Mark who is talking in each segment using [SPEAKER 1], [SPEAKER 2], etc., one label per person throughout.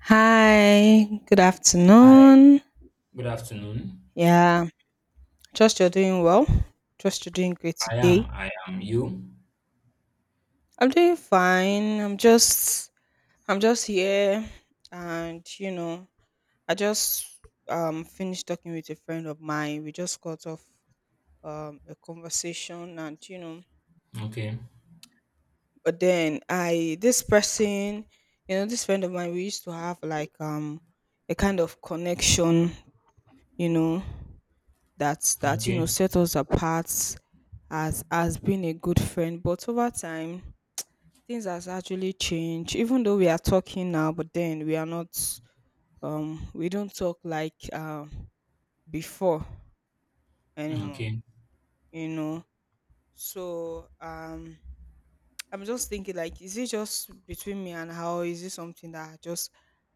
[SPEAKER 1] Hi, good
[SPEAKER 2] Hi,
[SPEAKER 1] afternoon.
[SPEAKER 2] good afternoon.
[SPEAKER 1] Yeah, trust you're doing well. Trust you're doing great
[SPEAKER 2] I am,
[SPEAKER 1] today.
[SPEAKER 2] I am you.
[SPEAKER 1] I'm doing fine. I'm just here, and I just finished talking with a friend of mine. We just got off a conversation,
[SPEAKER 2] Okay,
[SPEAKER 1] but then I this person, this friend of mine, we used to have a kind of connection, you know, that
[SPEAKER 2] okay,
[SPEAKER 1] set us apart as being a good friend, but over time things has actually changed, even though we are talking now, but then we are not, we don't talk like before anymore.
[SPEAKER 2] okay.
[SPEAKER 1] you know so I'm just thinking, like, is it just between me and her, or is it something that just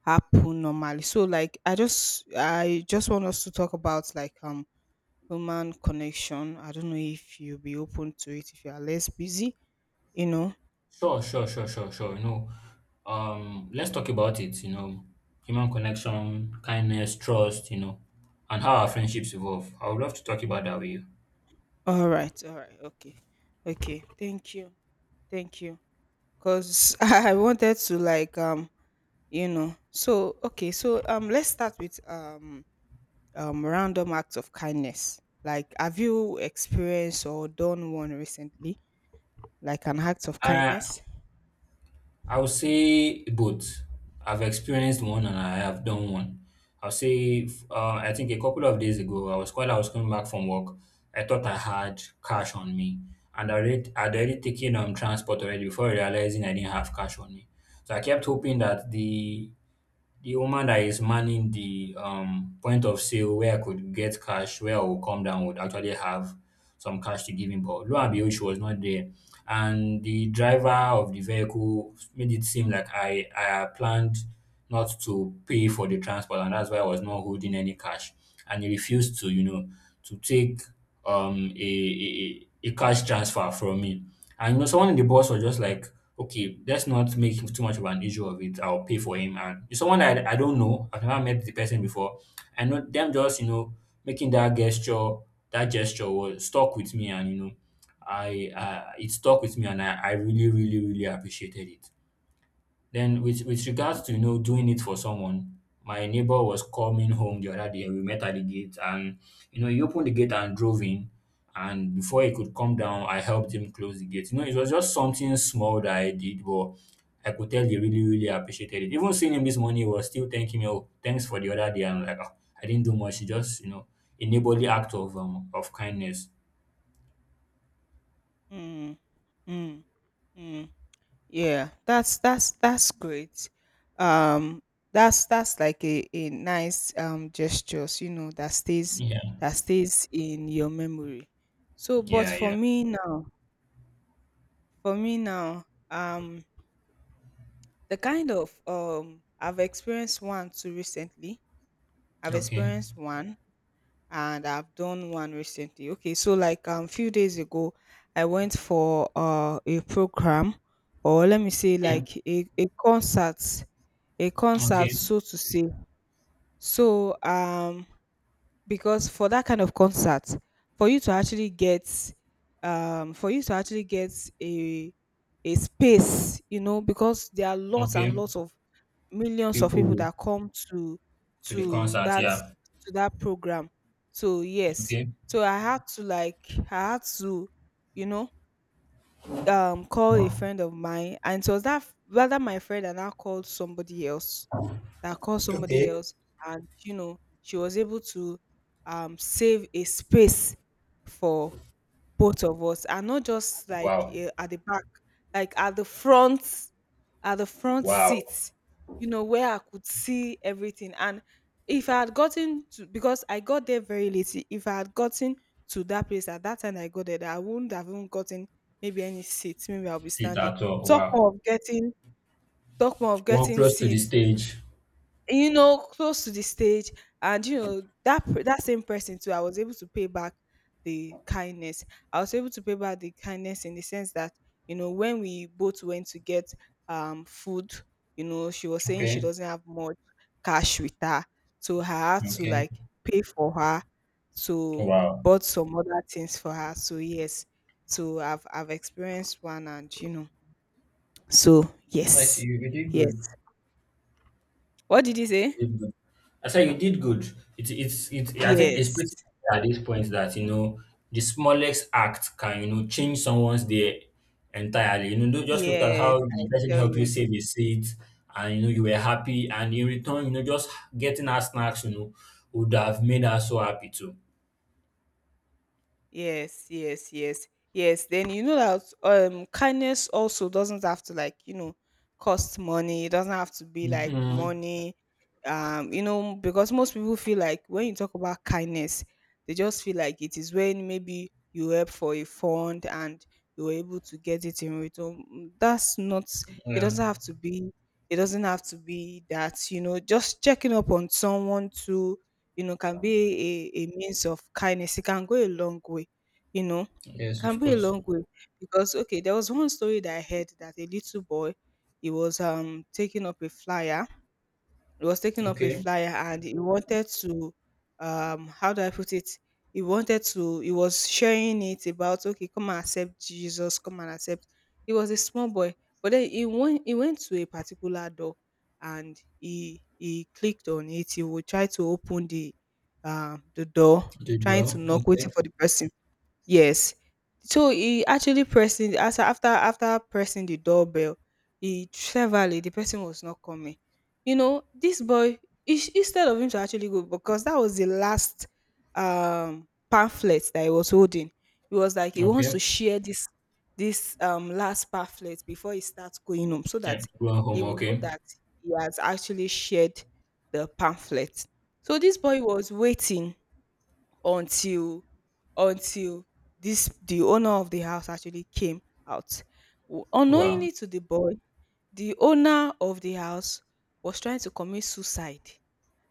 [SPEAKER 1] happen normally? So, like, I just want us to talk about, like, human connection. I don't know if you'll be open to it if you are less busy, you know.
[SPEAKER 2] Sure, sure, sure, sure, sure. You know, let's talk about it, you know, human connection, kindness, trust, you know, and how our friendships evolve. I would love to talk about that with you.
[SPEAKER 1] All right, okay, okay. Thank you, thank you. Cause I wanted to, like, so, okay, so let's start with random acts of kindness. Like, have you experienced or done one recently? Like an act of
[SPEAKER 2] I,
[SPEAKER 1] kindness?
[SPEAKER 2] I would say both. I've experienced one and I have done one. I'll say, I think a couple of days ago, I was coming back from work. I thought I had cash on me, and I'd already taken transport already before realizing I didn't have cash on me. So I kept hoping that the woman that is manning the point of sale where I could get cash, where I will come down would actually have some cash to give him. But lo and behold, she was not there. And the driver of the vehicle made it seem like I had planned not to pay for the transport, and that's why I was not holding any cash. And he refused to, you know, to take a cash transfer from me. And you know, someone in the boss was just like, okay, let's not make too much of an issue of it. I'll pay for him. And it's someone that I don't know, I've never met the person before. I know them just, you know, making that gesture was stuck with me. And, you know, it stuck with me and I really, really, really appreciated it. Then with regards to, you know, doing it for someone, my neighbor was coming home the other day. We met at the gate, and you know he opened the gate and drove in, and before he could come down I helped him close the gate. You know, it was just something small that I did, but I could tell he really, really appreciated it. Even seeing him this morning, he was still thanking me. Oh, thanks for the other day. I'm like, oh, I didn't do much. It just, you know, a neighborly act of kindness.
[SPEAKER 1] Mm, mm, mm. Yeah, that's great. Um, that's like a nice gestures,
[SPEAKER 2] Yeah.
[SPEAKER 1] that stays in your memory. So, but
[SPEAKER 2] Yeah,
[SPEAKER 1] for
[SPEAKER 2] yeah.
[SPEAKER 1] me now, for me now, um, the kind of I've experienced one too recently. I've
[SPEAKER 2] Okay.
[SPEAKER 1] experienced one and I've done one recently. Okay, so, like, few days ago, I went for a program, or let me say,
[SPEAKER 2] Okay.
[SPEAKER 1] like, a concert
[SPEAKER 2] Okay.
[SPEAKER 1] so to say. So because for that kind of concert, for you to actually get, um for you to actually get a a space, because there are lots and
[SPEAKER 2] Okay.
[SPEAKER 1] lots of millions of people
[SPEAKER 2] People
[SPEAKER 1] that come to
[SPEAKER 2] to the
[SPEAKER 1] to
[SPEAKER 2] concert.
[SPEAKER 1] that
[SPEAKER 2] Yeah.
[SPEAKER 1] to that program. So yes,
[SPEAKER 2] Okay.
[SPEAKER 1] so I had to like I had to you know call a friend of mine, and so that, rather, my friend and I called somebody else that called somebody
[SPEAKER 2] Okay.
[SPEAKER 1] else. And she was able to save a space for both of us, and not just, like,
[SPEAKER 2] Wow.
[SPEAKER 1] at the back, like at the front
[SPEAKER 2] Wow.
[SPEAKER 1] seat, where I could see everything. And if I had gotten to, because I got there very late, if I had gotten to that place at that time I got there, I wouldn't have even gotten maybe any seats, maybe I'll be
[SPEAKER 2] Sit
[SPEAKER 1] standing,
[SPEAKER 2] at all.
[SPEAKER 1] talk
[SPEAKER 2] Wow.
[SPEAKER 1] more of getting,
[SPEAKER 2] One close to the
[SPEAKER 1] seats,
[SPEAKER 2] stage.
[SPEAKER 1] you know, close to the stage. And, that, that same person too, I was able to pay back the kindness. I was able to pay back the kindness in the sense that, when we both went to get food, she was saying she
[SPEAKER 2] Okay.
[SPEAKER 1] doesn't have much cash with her, so I had to,
[SPEAKER 2] Okay.
[SPEAKER 1] like, pay for her, to
[SPEAKER 2] Wow.
[SPEAKER 1] bought some other things for her. So yes, so I've experienced one, and, so
[SPEAKER 2] Nice.
[SPEAKER 1] yes,
[SPEAKER 2] You did
[SPEAKER 1] yes.
[SPEAKER 2] good.
[SPEAKER 1] What did you say?
[SPEAKER 2] You did good. I said you did good. It's it's. I think it's
[SPEAKER 1] Yes.
[SPEAKER 2] pretty clear at this point that you know the smallest act can you know change someone's day entirely. You know, don't just look at
[SPEAKER 1] Yes,
[SPEAKER 2] how
[SPEAKER 1] I
[SPEAKER 2] the person
[SPEAKER 1] tell
[SPEAKER 2] helped you
[SPEAKER 1] you.
[SPEAKER 2] save a seat, and you know you were happy, and in return, you know, just getting her snacks, you know, would have made her so happy too.
[SPEAKER 1] Yes, yes, yes, yes. Then, you know that kindness also doesn't have to, like, cost money. It doesn't have to be like
[SPEAKER 2] Mm-hmm.
[SPEAKER 1] money. Because most people feel like when you talk about kindness, they just feel like it is when maybe you help for a fund and you were able to get it in return. Mm. That's not it
[SPEAKER 2] Yeah.
[SPEAKER 1] doesn't have to be it doesn't have to be that, you know, just checking up on someone to, you know, can be a means of kindness. It can go a long way, you know. It
[SPEAKER 2] Yes.
[SPEAKER 1] can be a long way, because, okay, there was one story that I heard that a little boy, he was taking up a flyer,
[SPEAKER 2] Okay.
[SPEAKER 1] and he wanted to, how do I put it? He wanted to He was sharing it about, okay, come and accept Jesus, come and accept. He was a small boy, but then he went to a particular door, and he clicked on it. He would try to open the, the door,
[SPEAKER 2] Did
[SPEAKER 1] trying to
[SPEAKER 2] well.
[SPEAKER 1] knock, waiting
[SPEAKER 2] Okay.
[SPEAKER 1] for the person. Yes. So he actually pressing, as after pressing the doorbell, he cleverly, the person was not coming. You know, this boy, instead of him to actually go, because that was the last pamphlet that he was holding. He was like he wants
[SPEAKER 2] Okay.
[SPEAKER 1] to share this last pamphlet before he starts going home, so that
[SPEAKER 2] Yeah. Go
[SPEAKER 1] he
[SPEAKER 2] home.
[SPEAKER 1] will know
[SPEAKER 2] Okay.
[SPEAKER 1] that he has actually shared the pamphlet. So this boy was waiting, until until this the owner of the house actually came out.
[SPEAKER 2] Wow.
[SPEAKER 1] Unknowingly to the boy, the owner of the house was trying to commit suicide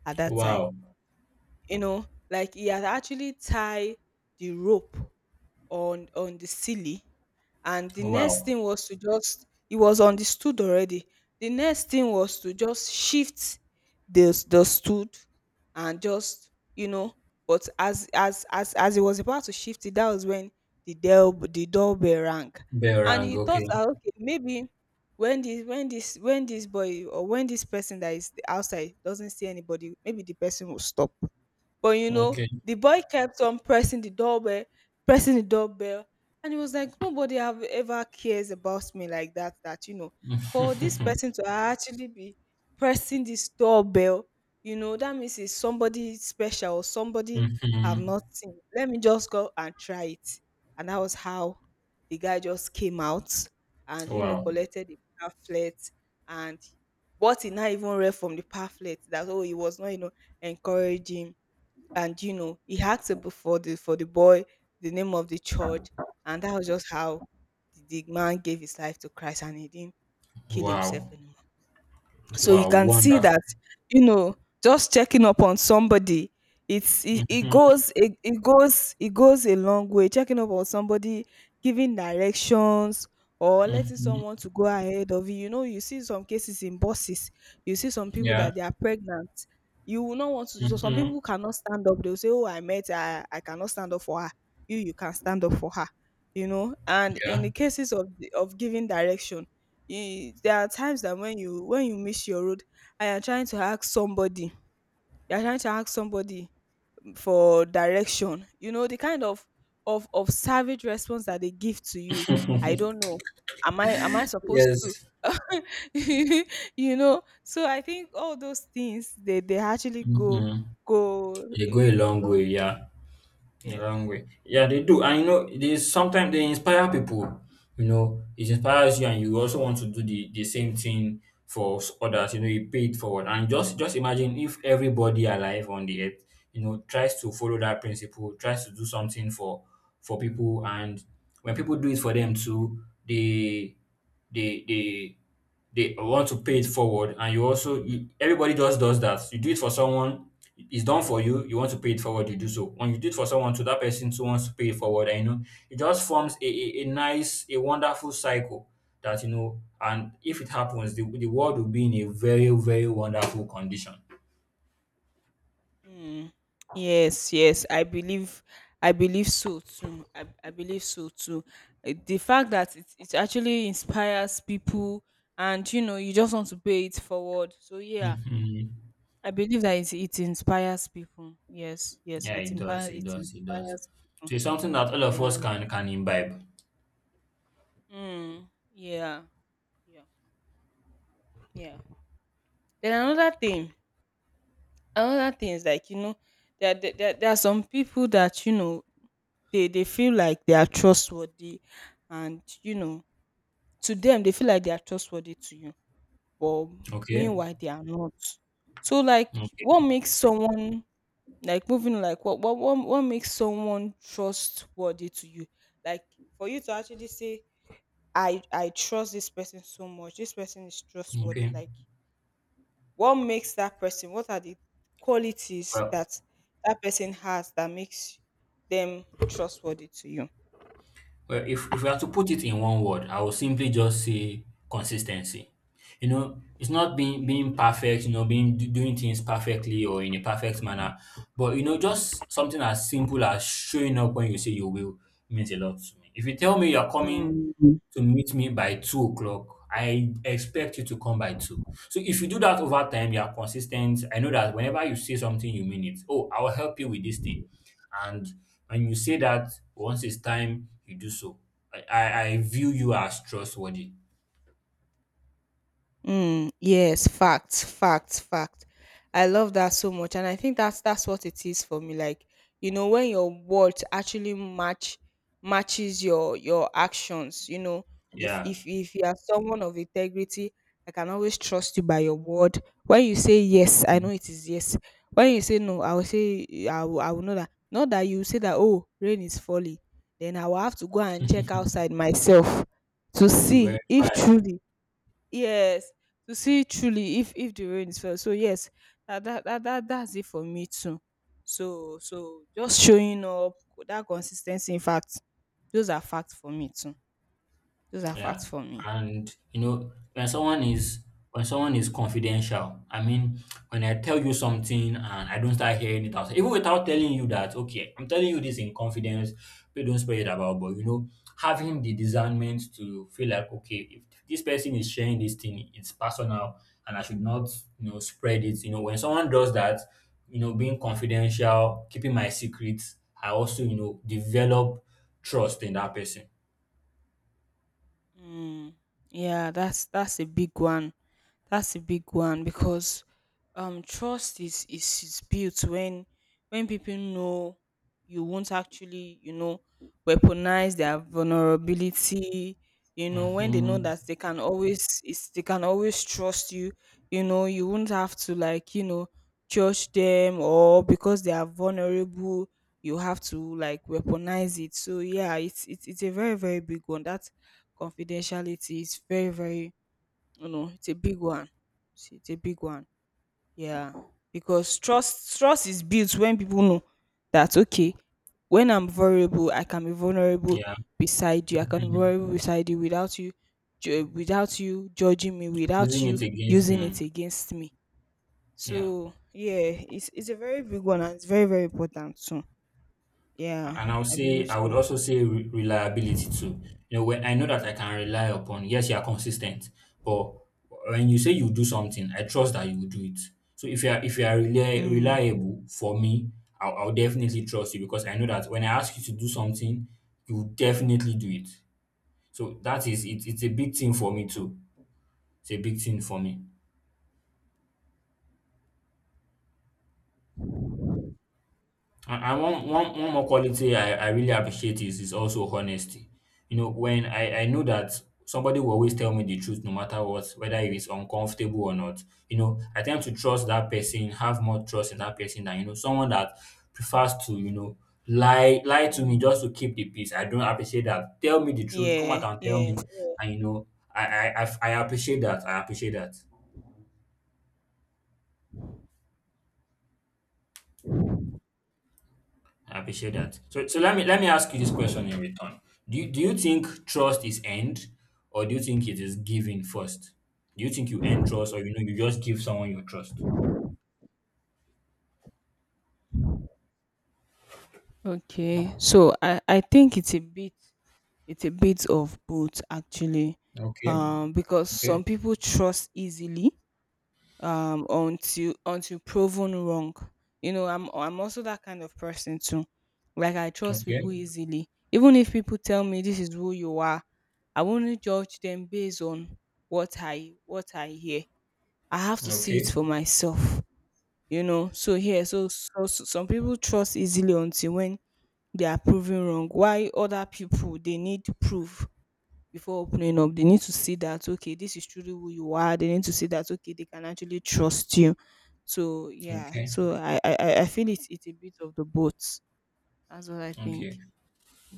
[SPEAKER 1] at that time.
[SPEAKER 2] Wow.
[SPEAKER 1] Like, he had actually tied the rope on the ceiling, and the next
[SPEAKER 2] Wow.
[SPEAKER 1] thing was to just, he was on the stood already. The next thing was to just shift the, stood, and just, but, as he was about to shift it, that was when the, del the doorbell rang.
[SPEAKER 2] Bell
[SPEAKER 1] And
[SPEAKER 2] rang.
[SPEAKER 1] he thought
[SPEAKER 2] Okay.
[SPEAKER 1] that, okay, maybe when this when this when this boy, or when this person that is outside doesn't see anybody, maybe the person will stop. But,
[SPEAKER 2] Okay.
[SPEAKER 1] the boy kept on pressing the doorbell, and he was like, nobody have ever cares about me like that. For this person to actually be pressing this doorbell, that means it's somebody special or somebody
[SPEAKER 2] Mm-hmm.
[SPEAKER 1] I've not seen. Let me just go and try it. And that was how the guy just came out and
[SPEAKER 2] Wow.
[SPEAKER 1] collected the pamphlet, and what he now even read from the pamphlet, that, oh, he was not, encouraging. And he asked about, for the, boy, the name of the church. And that was just how the man gave his life to Christ, and he didn't kill himself
[SPEAKER 2] Wow.
[SPEAKER 1] anymore. So you
[SPEAKER 2] Wow.
[SPEAKER 1] can see
[SPEAKER 2] Wonderful.
[SPEAKER 1] that, you know just checking up on somebody,
[SPEAKER 2] Mm-hmm.
[SPEAKER 1] it goes a long way, checking up on somebody, giving directions, or letting
[SPEAKER 2] Mm-hmm.
[SPEAKER 1] someone to go ahead of you. You know You see some cases in buses, you see some people
[SPEAKER 2] Yeah.
[SPEAKER 1] that they are pregnant, you will not want to, so some
[SPEAKER 2] Mm-hmm.
[SPEAKER 1] people cannot stand up, they'll say, oh, I met her, I cannot stand up for her. You can stand up for her. And in
[SPEAKER 2] Yeah.
[SPEAKER 1] the cases of the-, of giving direction, you there are times that when you miss your road, and you're trying to ask somebody, you're trying to ask somebody for direction, the kind of savage response that they give to you, I don't know, am I supposed to
[SPEAKER 2] Yes.
[SPEAKER 1] so I think all those things, they actually
[SPEAKER 2] Mm-hmm.
[SPEAKER 1] go,
[SPEAKER 2] You go a long way.
[SPEAKER 1] along.
[SPEAKER 2] Yeah. The wrong
[SPEAKER 1] Yes.
[SPEAKER 2] way. Yeah, they do. And you know, they sometimes they inspire people. You know, it inspires you, and you also want to do the same thing for others. You know, you pay it forward. And just imagine if everybody alive on the earth, you know, tries to follow that principle, tries to do something for people, and when people do it for them too, they they they they want to pay it forward, and everybody just does that. You do it for someone, it's done for you. You want to pay it forward, you do so. When you do it for someone, to that person too wants to pay it forward, and you know it just forms a nice, a wonderful cycle that you know. And if it happens, the world will be in a very, very wonderful condition.
[SPEAKER 1] Mm, yes, yes, I believe so too. I believe so too. The fact that, it actually inspires people, and, you just want to pay it forward. So, yeah,
[SPEAKER 2] Hmm.
[SPEAKER 1] I believe that, it inspires people. Yes, yes,
[SPEAKER 2] Yeah, it does. It
[SPEAKER 1] it
[SPEAKER 2] does. It does.
[SPEAKER 1] inspires people.
[SPEAKER 2] So it's something that all of us
[SPEAKER 1] Yeah.
[SPEAKER 2] can imbibe.
[SPEAKER 1] Mm, yeah, yeah, yeah. Then another thing, is, like, there are some people that, you know, they feel like they are trustworthy, and, to them they feel like they are trustworthy to you, but
[SPEAKER 2] Okay.
[SPEAKER 1] meanwhile they are not. So, like,
[SPEAKER 2] Okay.
[SPEAKER 1] what makes someone, like moving like what makes someone trustworthy to you? Like, for you to actually say, I trust this person so much, this person is trustworthy,
[SPEAKER 2] Okay.
[SPEAKER 1] like. What are the qualities
[SPEAKER 2] Well,
[SPEAKER 1] that that person has that makes them trustworthy to you?
[SPEAKER 2] Well, if we have to put it in one word, I would simply just say consistency. You know, it's not being
[SPEAKER 1] Okay.
[SPEAKER 2] being perfect, you know, being doing things perfectly or in a perfect manner, but you know, just something as simple as showing up when you say you will means a lot to me. If you tell me you're coming
[SPEAKER 1] Mm.
[SPEAKER 2] to meet me by 2 o'clock, I expect you to come by two. So if you do that over time, you are consistent. I know that whenever you say something, you mean it. Oh, I will help you with this thing, and and you say that once it's time you do so. I view you as trustworthy.
[SPEAKER 1] Mm, yes, facts, facts, facts. I love that so much, and I think that's what it is for me. Like, when your words actually matches your actions. You know,
[SPEAKER 2] Yeah.
[SPEAKER 1] if you are someone of integrity, I can always trust you by your word. When you say yes, I know it is yes. When you say no, I will say, I will know that. Not that you say that, oh, rain is falling, then I will have to go and check outside myself to
[SPEAKER 2] To
[SPEAKER 1] see
[SPEAKER 2] verify.
[SPEAKER 1] if truly. Yes, to see truly if the rain is fell. So yes, that's it for me too. So just showing up, that consistency, in fact, those are facts for me too. Those are
[SPEAKER 2] Yeah.
[SPEAKER 1] facts for me.
[SPEAKER 2] And you know, when someone is confidential, I mean, when I tell you something and I don't start hearing it outside, even without telling you that, okay, I'm telling you this in confidence, please don't spread it about, but you know, having the discernment to feel like, okay, if this person is sharing this thing, it's personal and I should not, you know, spread it. You know, when someone does that, you know, being confidential, keeping my secrets, I also, you know, develop trust in that person.
[SPEAKER 1] Mm, yeah, that's a big one. That's a big one because trust is built when people know you won't actually, weaponize their vulnerability, you know, when they know
[SPEAKER 2] Hmm.
[SPEAKER 1] that they can always trust you, you know, you won't have to like, judge them or because they are vulnerable, you have to like weaponize it. So yeah, it's a very, very big one. That. Confidentiality is very, very, you know, it's a big one. It's a big one. Yeah. Because trust is built when people know that okay, when I'm vulnerable, I can be vulnerable
[SPEAKER 2] Yeah.
[SPEAKER 1] beside you. I can be
[SPEAKER 2] Mhm.
[SPEAKER 1] vulnerable beside you without you without you judging me, without
[SPEAKER 2] Using it
[SPEAKER 1] you
[SPEAKER 2] against
[SPEAKER 1] using it
[SPEAKER 2] mm,
[SPEAKER 1] against me.
[SPEAKER 2] yeah.
[SPEAKER 1] So yeah, it's a very big one and it's very, very important too. Yeah,
[SPEAKER 2] And I'll
[SPEAKER 1] I
[SPEAKER 2] say
[SPEAKER 1] believe
[SPEAKER 2] I would
[SPEAKER 1] so.
[SPEAKER 2] also say reliability too. You know, when I know that I can rely upon, yes, you are consistent, but when you say you do something, I trust that you will do it. So if you are
[SPEAKER 1] Mm.
[SPEAKER 2] reliable for me, I'll definitely trust you because I know that when I ask you to do something, you will definitely do it. So that is it, it's a big thing for me too. It's a big thing for me. And one more quality I really appreciate is also honesty. You know, when I know that somebody will always tell me the truth no matter what, whether it is uncomfortable or not. You know, I tend to trust that person, have more trust in that person than you know someone that prefers to you know lie to me
[SPEAKER 1] Mm.
[SPEAKER 2] just to keep the peace. I don't appreciate that. Tell me the truth. Come out
[SPEAKER 1] Yeah,
[SPEAKER 2] and tell
[SPEAKER 1] yeah,
[SPEAKER 2] me.
[SPEAKER 1] yeah.
[SPEAKER 2] And you know, I appreciate that. I appreciate that. I appreciate that. So, so let me ask you this question in return. Do you think trust is earned, or do you think it is given first? Do you think you earn trust, or you know you just give someone your trust?
[SPEAKER 1] Okay, so I think it's a bit of both actually,
[SPEAKER 2] Okay,
[SPEAKER 1] because
[SPEAKER 2] okay,
[SPEAKER 1] some people trust easily until proven wrong. You know, I'm also that kind of person too. Like I trust
[SPEAKER 2] okay,
[SPEAKER 1] people easily, even if people tell me this is who you are, I won't judge them based on what I hear. I have to see it
[SPEAKER 2] okay,
[SPEAKER 1] for myself. You know, so some people trust easily until when they are proven wrong. Why other people they need to prove before opening up, they need to see that okay, this is truly who you are. They need to see that okay, they can actually trust you. So yeah,
[SPEAKER 2] okay,
[SPEAKER 1] I feel it's a bit of the both. That's what I think.
[SPEAKER 2] okay.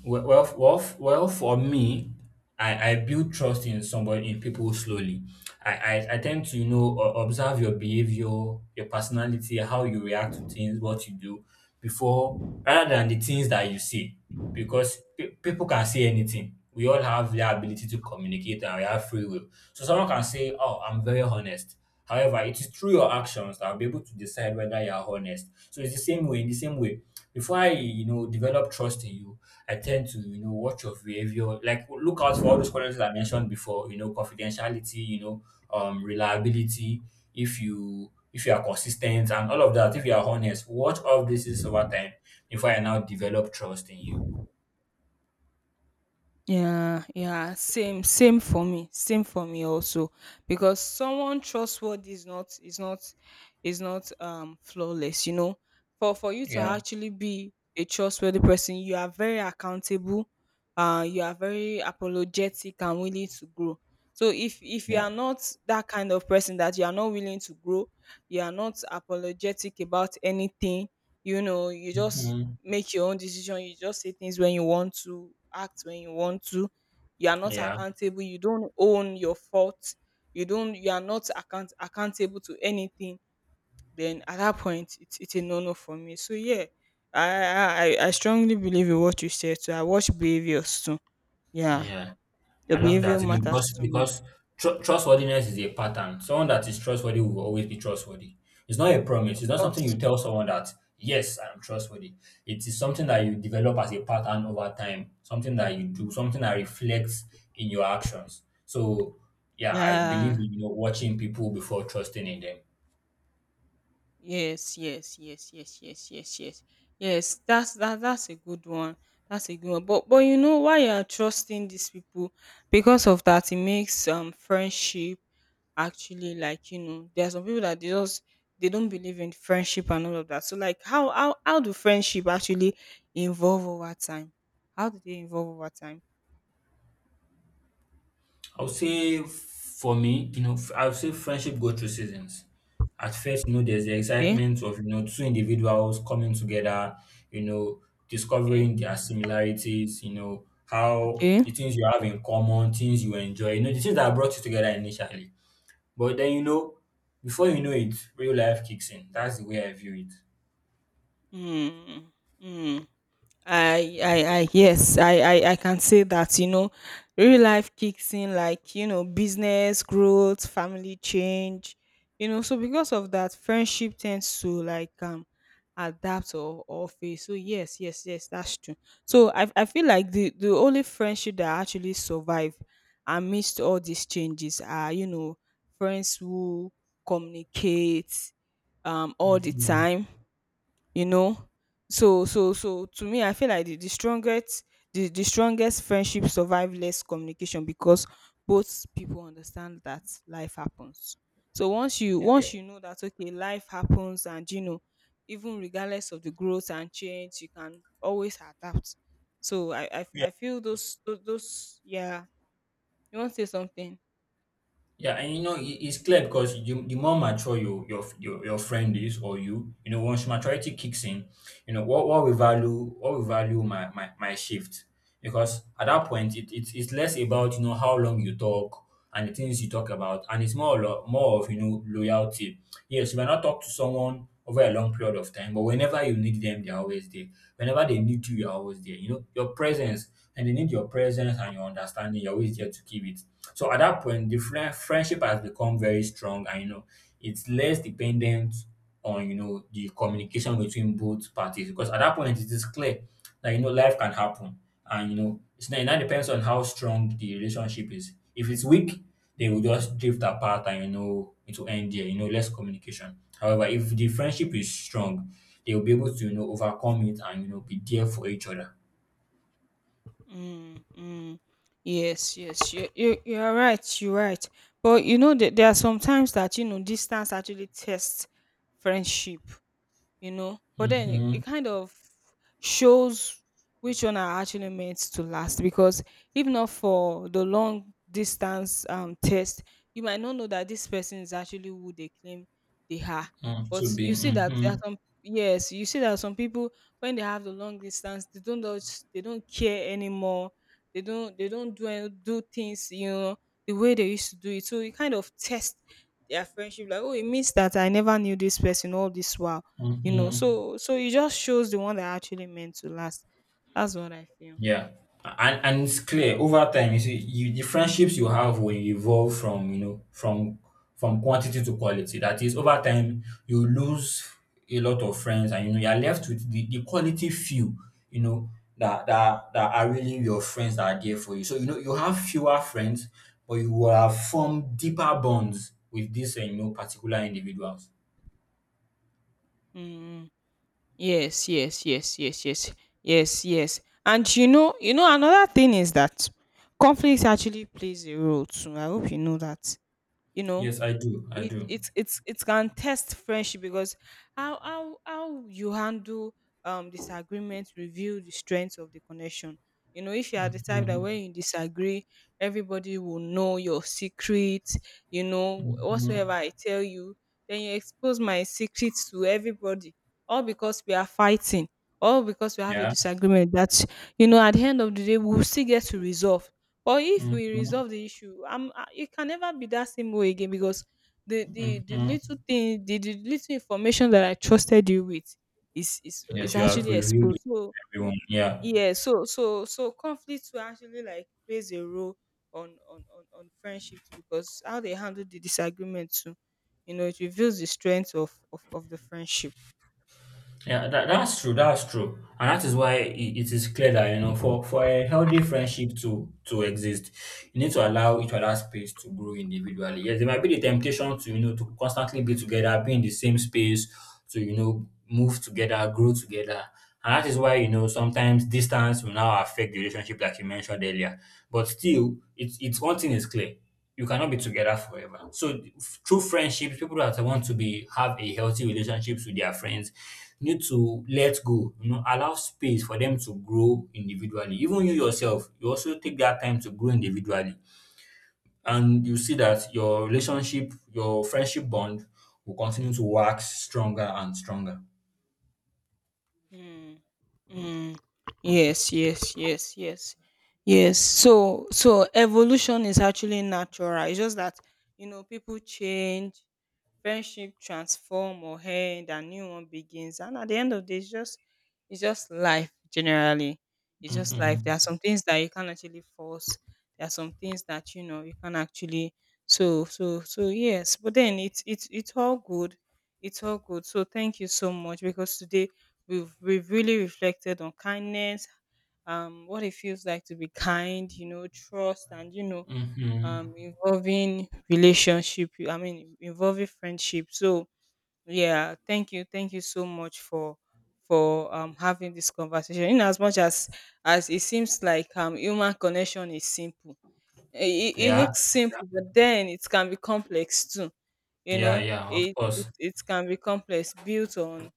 [SPEAKER 2] Well for me, I build trust in somebody, in people slowly. I tend to, you know, observe your behavior, your personality, how you react to things, what you do before, rather than the things that you see. Because people can say anything. We all have the ability to communicate and we have free will. So someone can say, oh, I'm very honest. However, it is through your actions that I'll be able to decide whether you are honest. So it's the same way, in the same way. Before I, you know, develop trust in you, I tend to, you know, watch your behavior, like look out for all those qualities I mentioned before, you know, confidentiality, you know, reliability, if you are consistent and all of that, if you are honest, watch all this is over time before I now develop trust in you.
[SPEAKER 1] Yeah, yeah, same for me, same for me also. Because someone trustworthy is not flawless. You know, for you to
[SPEAKER 2] Yeah.
[SPEAKER 1] actually be a trustworthy person, you are very accountable. You are very apologetic and willing to grow. So if you
[SPEAKER 2] Yeah.
[SPEAKER 1] are not that kind of person, that you are not willing to grow, you are not apologetic about anything. You know, you just
[SPEAKER 2] Mhm.
[SPEAKER 1] make your own decision. You just say things when you want to, act when you want to. You are not
[SPEAKER 2] Yeah.
[SPEAKER 1] accountable. You don't own your fault. You don't. You are not accountable to anything. Then at that point, it's a no no for me. So yeah, I strongly believe in what you said. So I watch behaviors too. Yeah,
[SPEAKER 2] Yeah.
[SPEAKER 1] the
[SPEAKER 2] I love
[SPEAKER 1] behavior
[SPEAKER 2] that, you know,
[SPEAKER 1] matters to me,
[SPEAKER 2] because trustworthiness is a pattern. Someone that is trustworthy will always be trustworthy. It's not a promise. It's
[SPEAKER 1] of
[SPEAKER 2] not something you
[SPEAKER 1] course.
[SPEAKER 2] tell someone that yes, I am trustworthy. It is something that you develop as a pattern over time. Something that you do. Something that reflects in your actions. So yeah, I believe
[SPEAKER 1] Yeah.
[SPEAKER 2] in you know, watching people before trusting in them.
[SPEAKER 1] Yes, yes, yes, yes, yes, yes, yes. Yes, that's a good one. That's a good one. But you know why you are trusting these people? Because of that, it makes friendship actually like, you know, there are some people that they just they don't believe in friendship and all of that. So like how do friendship actually evolve over time? How do they evolve over time?
[SPEAKER 2] I will say for me, you know, I will say friendship go through seasons. At first, you know, there's the
[SPEAKER 1] Okay,
[SPEAKER 2] excitement of you know two individuals coming together, you know,
[SPEAKER 1] okay,
[SPEAKER 2] discovering their similarities, you know, how
[SPEAKER 1] okay.
[SPEAKER 2] the things you have in common, things you enjoy, you know, the things that brought you together initially. But then you know, before you know it, real life kicks in. That's the way I view it.
[SPEAKER 1] Hmm. Yes, I can say that, you know, real life kicks in like, you know, business growth, family change, you know, so because of that, friendship tends to like, adapt or fail. So yes, yes, yes, that's true. So I feel like the only friendship that actually survive amidst all these changes are, you know, friends who communicate, all the
[SPEAKER 2] Mhm.
[SPEAKER 1] time, you know. So to me I feel like the strongest the strongest friendship survive less communication, because both people understand that life happens. So once you know that okay, life happens and you know, even regardless of the growth and change you can always adapt. So I feel yeah, you want to say something?
[SPEAKER 2] Yeah, and you know, it's clear because you, the more mature your, your friend is or you know, once maturity kicks in, you know, what we value my shift. Because at that point, it's less about, you know, how long you talk and the things you talk about. And it's more, more of, you know, loyalty. Yes, you might not talk to someone over a long period of time. But whenever you need them, they're always there. Whenever they need you, you're always there. You know, your presence, and they need your presence and your understanding, you're always there to give it. So at that point, the friendship has become very strong, and you know, it's less dependent on you know the communication between both parties because at that point it is clear like, you know, life can happen. And, you know, it's not, it now depends on how strong the relationship is. If it's weak, they will just drift apart and, you know, it will end there, you know, less communication. However, if the friendship is strong, they will be able to, you know, overcome it and, you know, be there for each other.
[SPEAKER 1] Mm, mm. Yes, yes, you you are right. You're right. But you know that there are sometimes that, you know, distance actually tests friendship, you know. But then it
[SPEAKER 2] Mm-hmm.
[SPEAKER 1] kind of shows which one are actually meant to last, because if not for the long distance test, you might not know that this person is actually who they claim they are.
[SPEAKER 2] Mm, to
[SPEAKER 1] But
[SPEAKER 2] be.
[SPEAKER 1] you see that there are
[SPEAKER 2] Mm-hmm.
[SPEAKER 1] some, yes, you see that some people, when they have the long distance, they don't just- they don't care anymore. They don't do things, you know, the way they used to do it. So it kind of tests their friendship like, oh, it means that I never knew this person all this while, you know.
[SPEAKER 2] Mm-hmm.
[SPEAKER 1] So so it just shows the one that actually meant to last. That's what I feel.
[SPEAKER 2] Yeah. And it's clear over time, you see, you the friendships you have will evolve from, you know, from quantity to quality. That is, over time, you lose a lot of friends and you know you're left with the quality few, you know, that, that that are really your friends that are there for you. So you know you have fewer friends, but you will have formed deeper bonds with these you know particular individuals.
[SPEAKER 1] Mm. Yes, yes, yes, yes, yes, yes, yes. And you know, you know, another thing is that conflict actually plays a role too. I hope you know that. You know,
[SPEAKER 2] Yes, I do. I
[SPEAKER 1] it
[SPEAKER 2] do.
[SPEAKER 1] it's it's it can test friendship, because how you handle disagreement reveal the strength of the connection. You know, if you are the type that
[SPEAKER 2] Mhm,
[SPEAKER 1] when you disagree, everybody will know your secret. You know, whatsoever
[SPEAKER 2] mhm.
[SPEAKER 1] I tell you, then you expose my secrets to everybody, all because we are fighting, all because we have a
[SPEAKER 2] Yeah.
[SPEAKER 1] disagreement that, you know, at the end of the day we'll still get to resolve. But if we
[SPEAKER 2] Mhm,
[SPEAKER 1] resolve the issue, it can never be that same way again, because the
[SPEAKER 2] mhm.
[SPEAKER 1] little thing, the little information that I trusted you with is
[SPEAKER 2] Yes, you have
[SPEAKER 1] actually
[SPEAKER 2] revealed
[SPEAKER 1] exposed. So
[SPEAKER 2] everyone. Yeah,
[SPEAKER 1] yeah, so conflicts will actually like plays a role on friendship too, because how they handle the disagreement too, you know, it reveals the strength of the friendship.
[SPEAKER 2] yeah, that, that's true. That's true, and that is why it, it is clear that you know, for a healthy friendship to exist, you need to allow each other space to grow individually. Yes, there might be the temptation to you know to constantly be together, be in the same space, to you know move together, grow together, and that is why you know sometimes distance will now affect the relationship, like you mentioned earlier. But still, it's one thing is clear. You cannot be together forever. So through friendships, people that want to be have a healthy relationships with their friends need to let go, you know, allow space for them to grow individually. Even you yourself, you also take that time to grow individually. And you see that your relationship, your friendship bond will continue to wax stronger and stronger.
[SPEAKER 1] Mm. Mm. Yes, yes, yes, yes, yes. So so evolution is actually natural. It's just that, you know, people change, friendship transform or end and new one begins. And at the end of the day, it's just life generally. It's just life.
[SPEAKER 2] Mm-hmm.
[SPEAKER 1] There are some things that you can't actually force. There are some things that, you know, you can actually. So yes. But then it's it's all good. It's all good. So thank you so much, because today we've really reflected on kindness, what it feels like to be kind, you know, trust, and you know,
[SPEAKER 2] Mm-hmm.
[SPEAKER 1] um, involving relationship, I mean involving friendship. So yeah, thank you so much for having this conversation. In as much as it seems like human connection is simple, it
[SPEAKER 2] Yeah,
[SPEAKER 1] looks simple, but then it can be complex too, you
[SPEAKER 2] yeah,
[SPEAKER 1] know.
[SPEAKER 2] yeah, of
[SPEAKER 1] It,
[SPEAKER 2] course.
[SPEAKER 1] It can be complex, built on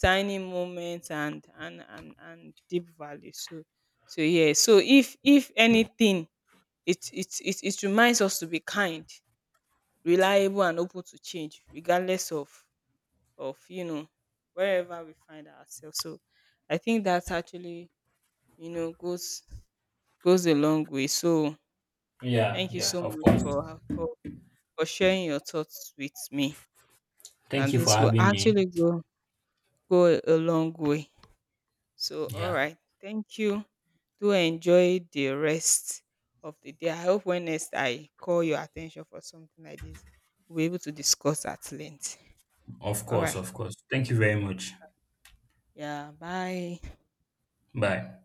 [SPEAKER 1] tiny moments and deep value. So so yeah, so if anything, it reminds us to be kind, reliable and open to change regardless of you know, wherever we find ourselves. So I think that's actually, you know, goes a long way. So
[SPEAKER 2] Yeah,
[SPEAKER 1] thank you
[SPEAKER 2] yeah,
[SPEAKER 1] so
[SPEAKER 2] of
[SPEAKER 1] much
[SPEAKER 2] course.
[SPEAKER 1] for sharing your thoughts with me.
[SPEAKER 2] Thank
[SPEAKER 1] And
[SPEAKER 2] you for
[SPEAKER 1] this will
[SPEAKER 2] having me.
[SPEAKER 1] actually go a long way. So all
[SPEAKER 2] Yeah.
[SPEAKER 1] right. Thank you. Do enjoy the rest of the day. I hope when next I call your attention for something like this, we'll be able to discuss at length.
[SPEAKER 2] Of
[SPEAKER 1] All
[SPEAKER 2] course,
[SPEAKER 1] right.
[SPEAKER 2] of course. Thank you very much.
[SPEAKER 1] Yeah. Bye.
[SPEAKER 2] Bye.